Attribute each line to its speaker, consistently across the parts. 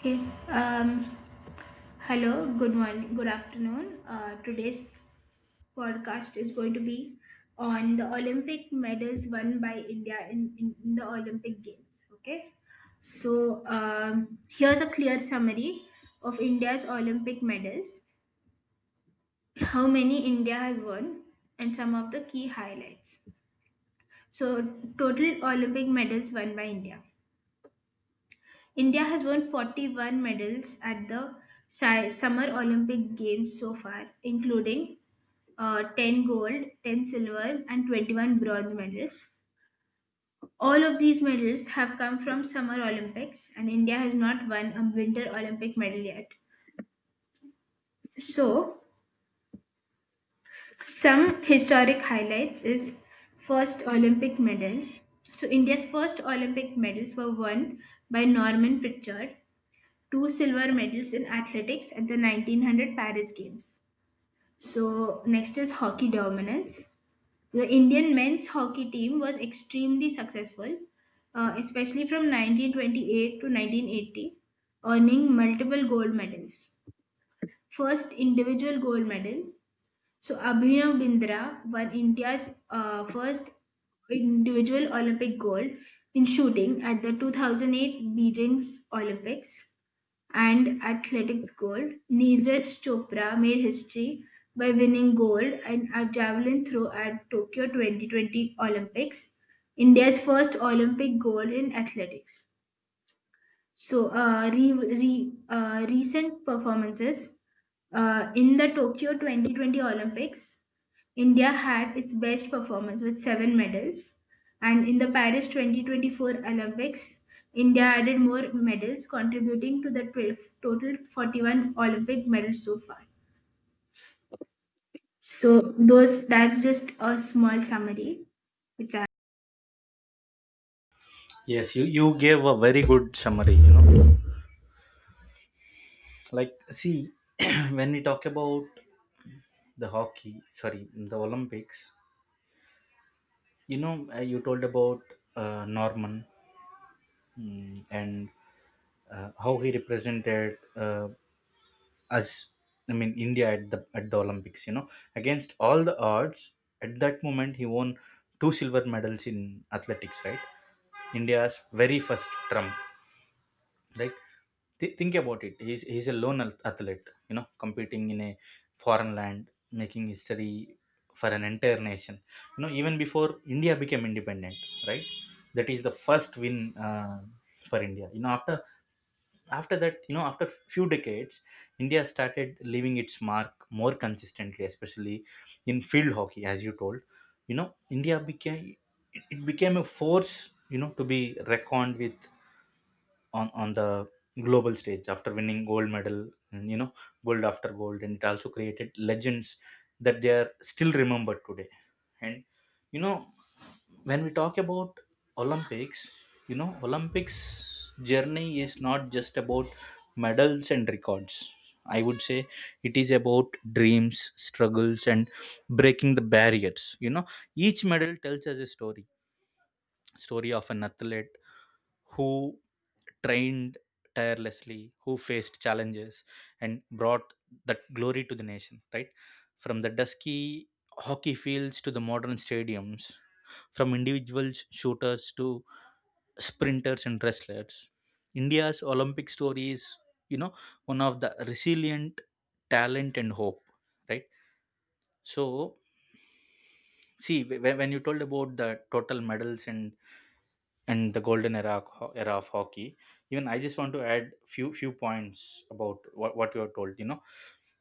Speaker 1: Okay. Um, hello. Good morning. Good afternoon. Today's podcast is going to be on the Olympic medals won by India in the Olympic Games. Okay. So here's a clear summary of India's Olympic medals, how many India has won, and some of the key highlights. So, total Olympic medals won by India. India has won 41 medals at the Summer Olympic Games so far, including 10 gold, 10 silver, and 21 bronze medals. All of these medals have come from Summer Olympics, and India has not won a Winter Olympic medal yet. So, some historic highlights is first Olympic medals. So, India's first Olympic medals were won by Norman Pritchard, two silver medals in athletics at the 1900 Paris Games. So, next is hockey dominance. The Indian men's hockey team was extremely successful, especially from 1928 to 1980, earning multiple gold medals. First individual gold medal. So, Abhinav Bindra won India's first individual Olympic gold in shooting at the 2008 Beijing's Olympics, and athletics gold. Neeraj Chopra made history by winning gold in a javelin throw at Tokyo 2020 Olympics, India's first Olympic gold in athletics. So, recent performances in the Tokyo 2020 Olympics, India had its best performance with seven medals, and in the Paris 2024 Olympics, India added more medals, contributing to the 12, total 41 Olympic medals so far. So, those that's just a small summary, which I.
Speaker 2: Yes, you gave a very good summary, Like, see, when we talk about the hockey, sorry, the Olympics, you told about Norman and how he represented us, I mean, India at the Olympics, against all the odds. At that moment, he won two silver medals in athletics, right? India's very first trump. Right. Think about it. He's a lone athlete, competing in a foreign land, making history for an entire nation, even before India became independent, right? That is the first win, uh, for India. After after that, after few decades, India started leaving its mark more consistently, especially in field hockey, as you told. you know India became, it became a force, to be reckoned with on the global stage after winning gold medal, and gold after gold, and it also created legends that they are still remembered today. And you know when we talk about Olympics, Olympics journey is not just about medals and records. I would say it is about dreams, struggles, and breaking the barriers. Each medal tells us a story, story of an athlete who trained tirelessly, who faced challenges, and brought that glory to the nation, right? From the dusky hockey fields to the modern stadiums, from individuals shooters to sprinters and wrestlers. India's Olympic story is, you know, one of the resilient talent and hope, right? So, see, when you told about the total medals and the golden era of hockey, even I just want to add few points about what you have told.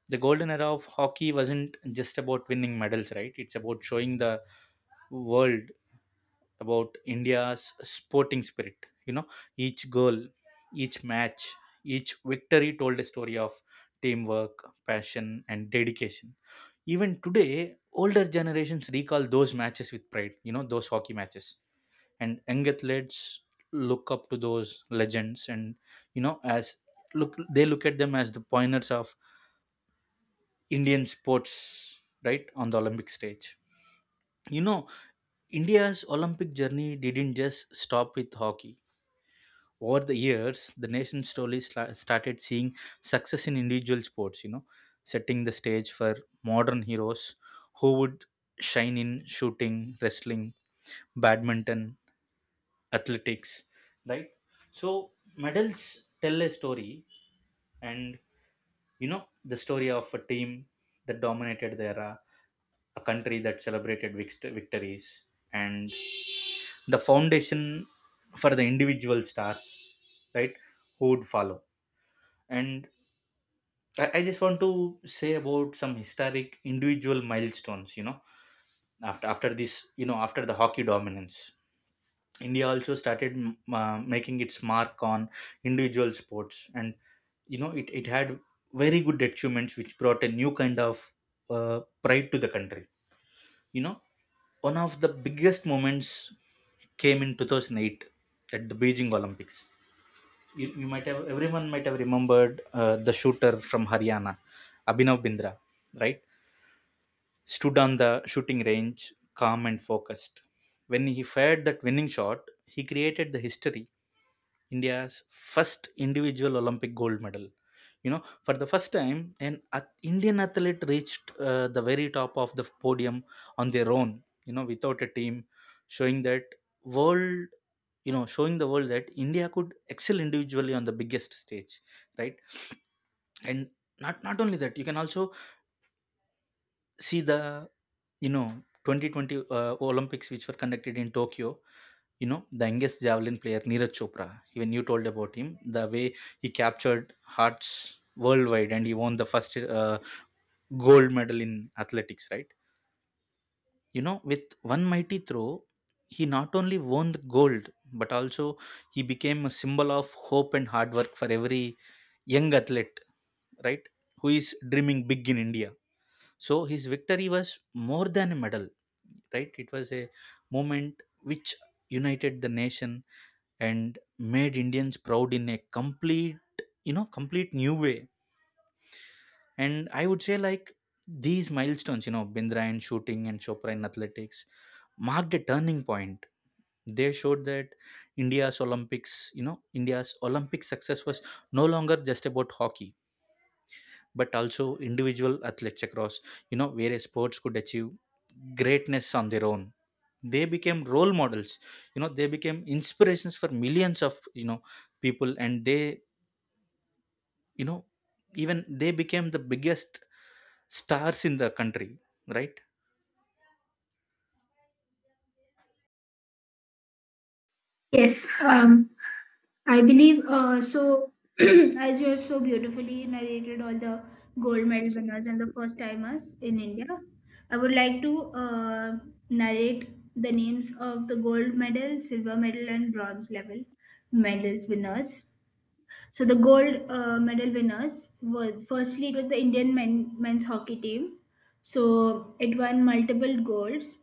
Speaker 2: The golden era of hockey wasn't just about winning medals, right? It's about showing the world about India's sporting spirit. Each goal, each match, each victory told a story of teamwork, passion, and dedication. Even today, older generations recall those matches with pride, those hockey matches, and young athletes look up to those legends, and you know as look, they look at them as the pioneers of Indian sports, right? On the Olympic stage, you know India's Olympic journey didn't just stop with hockey. Over the years, the nation slowly started seeing success in individual sports, setting the stage for modern heroes who would shine in shooting, wrestling, badminton, athletics, right? So medals tell a story, and, you know the story of a team that dominated the era, a country that celebrated victories, and the foundation for the individual stars, right, who would follow. And I just want to say about some historic individual milestones. After after this, after the hockey dominance, India also started making its mark on individual sports, and it had very good achievements, which brought a new kind of pride to the country. You know, one of the biggest moments came in 2008 at the Beijing Olympics. You might have, everyone might have remembered the shooter from Haryana, Abhinav Bindra, right? Stood on the shooting range, calm and focused. When he fired that winning shot, he created the history, India's first individual Olympic gold medal. You know, for the first time, an Indian athlete reached the very top of the podium on their own, you know, without a team, showing that world, you know, showing the world that India could excel individually on the biggest stage, right? And not only that, you can also see the, you know, 2020 Olympics, which were conducted in Tokyo. The youngest javelin player, Neeraj Chopra, when you told about him, the way he captured hearts worldwide, and he won the first uh, gold medal in athletics, right? With one mighty throw, he not only won the gold, but also he became a symbol of hope and hard work for every young athlete, right, who is dreaming big in India. So his victory was more than a medal, right? It was a moment which united the nation and made Indians proud in a complete, complete new way. And I would say, like, these milestones, you know, Bindra in shooting and Chopra in athletics, marked a turning point. They showed that India's Olympic success was no longer just about hockey, but also individual athletes across, various sports could achieve greatness on their own. They became role models. They became inspirations for millions of, people, and they, you know even they became the biggest stars in the country, right?
Speaker 1: Yes. I believe so. As you have so beautifully narrated all the gold medal winners and the first timers in India, I would like to narrate the names of the gold medal, silver medal, and bronze level medals winners. So the gold medal winners were, firstly, it was the Indian men's hockey team. So it won multiple golds,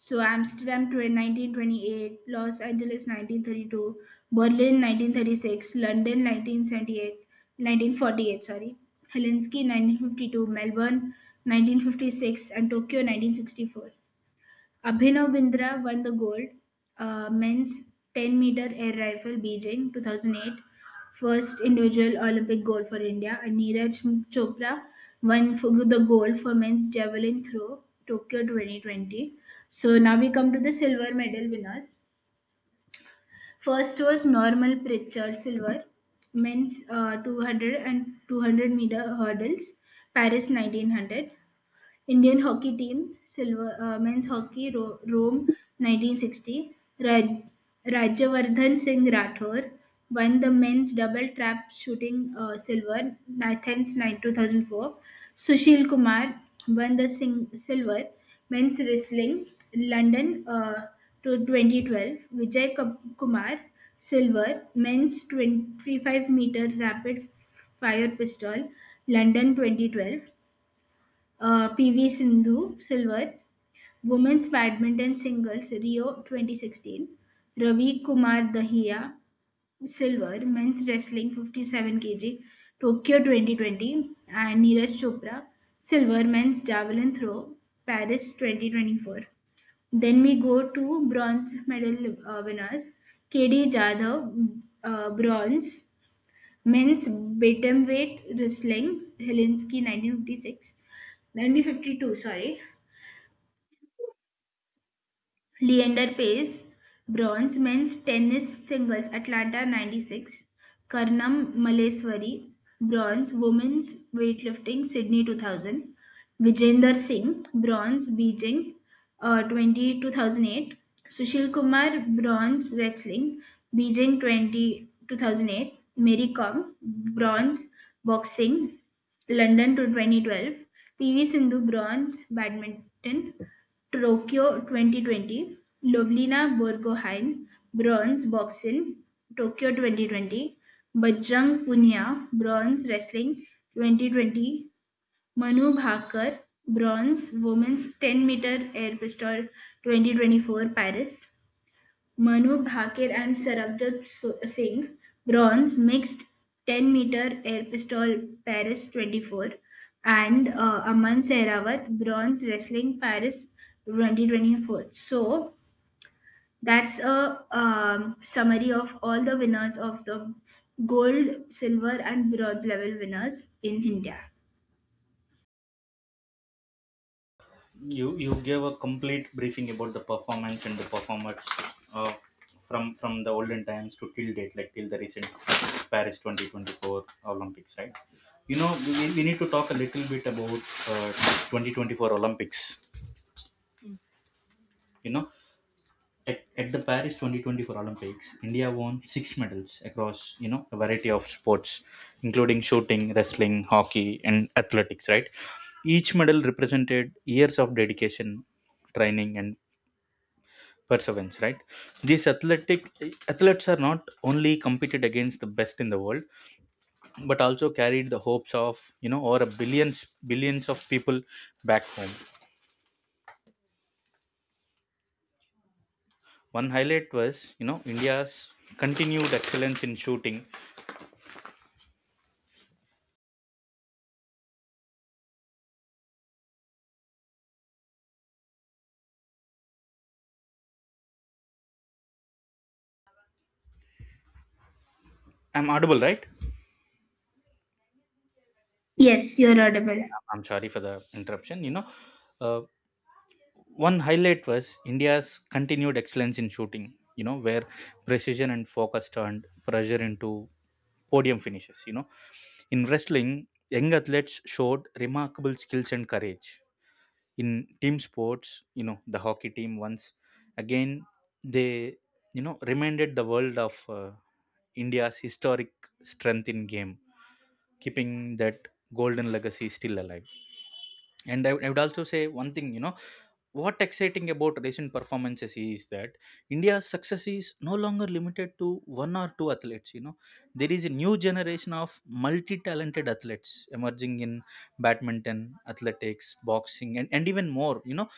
Speaker 1: so Amsterdam 1928, Los Angeles 1932, Berlin 1936, London 1978, 1948, sorry, Helsinki 1952, Melbourne 1956, and Tokyo 1964. Abhinav Bindra won the gold, men's 10-meter air rifle, Beijing 2008, first individual Olympic gold for India, and Neeraj Chopra won for the gold for men's javelin throw, Tokyo 2020. So now we come to the silver medal winners. First was Normal Pritchard silver, men's 200 and 200-meter hurdles, Paris 1900. Indian hockey team, silver, men's hockey, Rome 1960. Rajyavardhan Singh Rathore won the men's double trap shooting, silver, Athens 9 2004. Sushil Kumar won the silver, men's wrestling, London to 2012. Vijay Kumar, silver, men's 25-meter rapid fire pistol, London 2012. PV Sindhu silver, women's badminton singles, Rio 2016. Ravi Kumar Dahiya, silver, men's wrestling 57 kg, Tokyo 2020, and Neeraj Chopra, silver, men's javelin throw, Paris 2024. Then we go to bronze medal winners. KD Jadhav, bronze, men's bantamweight wrestling, Helsinki 1956, 1952, sorry. Leander Pace, bronze, men's tennis singles, Atlanta 96. Karnam Maleswari, bronze, women's weightlifting, Sydney 2000. Vijender Singh, bronze, Beijing, 2008. Sushil Kumar, bronze, wrestling, Beijing, 2008. Mary Kong, bronze, boxing, London to 2012. PV Sindhu, bronze, badminton, Tokyo 2020. Lovlina Borgohain, bronze, boxing, Tokyo 2020. Bajrang Punia, bronze, wrestling, 2020. Manu Bhaker, bronze, women's 10-meter air pistol, 2024 Paris. Manu Bhaker and Sarabjot Singh, bronze, mixed 10-meter air pistol, Paris 24, and Aman Sehrawat, bronze, wrestling, Paris 2024. So that's a summary of all the winners of the gold, silver, and bronze level winners in India.
Speaker 2: You gave a complete briefing about the performance and the performers, uh, from the olden times to till date, like till the recent Paris 2024 Olympics, right? You know, we need to talk a little bit about uh, 2024 Olympics. You know, at the Paris 2024 Olympics, India won six medals across, you know, a variety of sports, including shooting, wrestling, hockey, and athletics, right? Each medal represented years of dedication, training, and perseverance, right? These athletic athletes are not only competed against the best in the world, but also carried the hopes of, you know, over a billions of people back home. One highlight was, you know, India's continued excellence in shooting. I'm audible, right?
Speaker 1: Yes, you're audible.
Speaker 2: I'm sorry for the interruption. You know, uh, one highlight was India's continued excellence in shooting. You know, where precision and focus turned pressure into podium finishes. You know, in wrestling, young athletes showed remarkable skills and courage. In team sports, you know, the hockey team once again, they, you know, reminded the world of India's historic strength in game, keeping that golden legacy still alive. And I would also say one thing, you know, what exciting about recent performances is that India's success is no longer limited to one or two athletes. You know, there is a new generation of multi-talented athletes emerging in badminton, athletics, boxing, and even more. You know,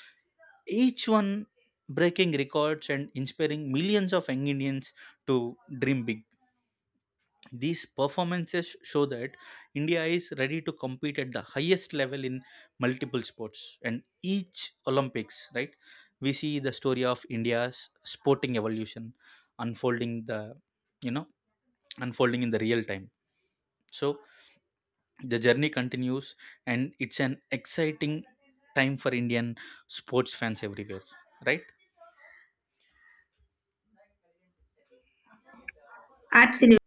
Speaker 2: each one breaking records and inspiring millions of young Indians to dream big. These performances show that India is ready to compete at the highest level in multiple sports and each Olympics, right? We see the story of India's sporting evolution unfolding the, you know unfolding in the real time. So the journey continues, and it's an exciting time for Indian sports fans everywhere, right?
Speaker 1: Absolutely.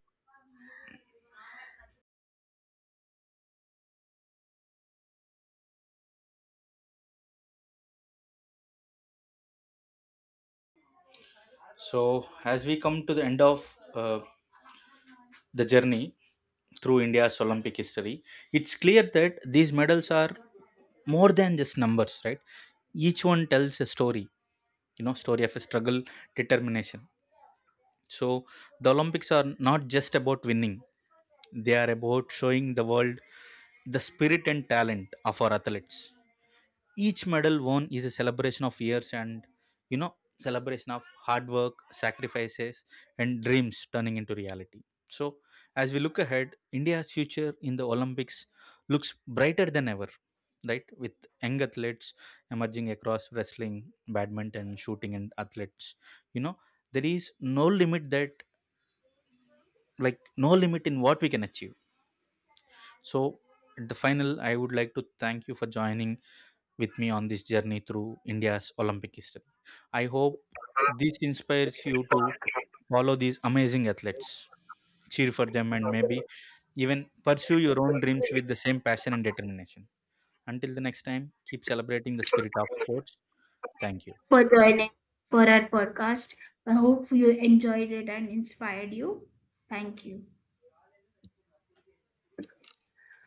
Speaker 2: So as we come to the end of the journey through India's Olympic history, it's clear that these medals are more than just numbers, right? Each one tells a story, you know, story of a struggle, determination. So the Olympics are not just about winning; they are about showing the world the spirit and talent of our athletes. Each medal won is a celebration of years and, celebration of hard work, sacrifices, and dreams turning into reality. So, as we look ahead, India's future in the Olympics looks brighter than ever, right? With young athletes emerging across wrestling, badminton, shooting, and athletes, you know, there is no limit that, like, no limit in what we can achieve. So, at the final, I would like to thank you for joining with me on this journey through India's Olympic history. I hope this inspires you to follow these amazing athletes, cheer for them, and maybe even pursue your own dreams with the same passion and determination. Until the next time, keep celebrating the spirit of sports. Thank you.
Speaker 1: For joining for our podcast. I hope you enjoyed it and inspired you. Thank you.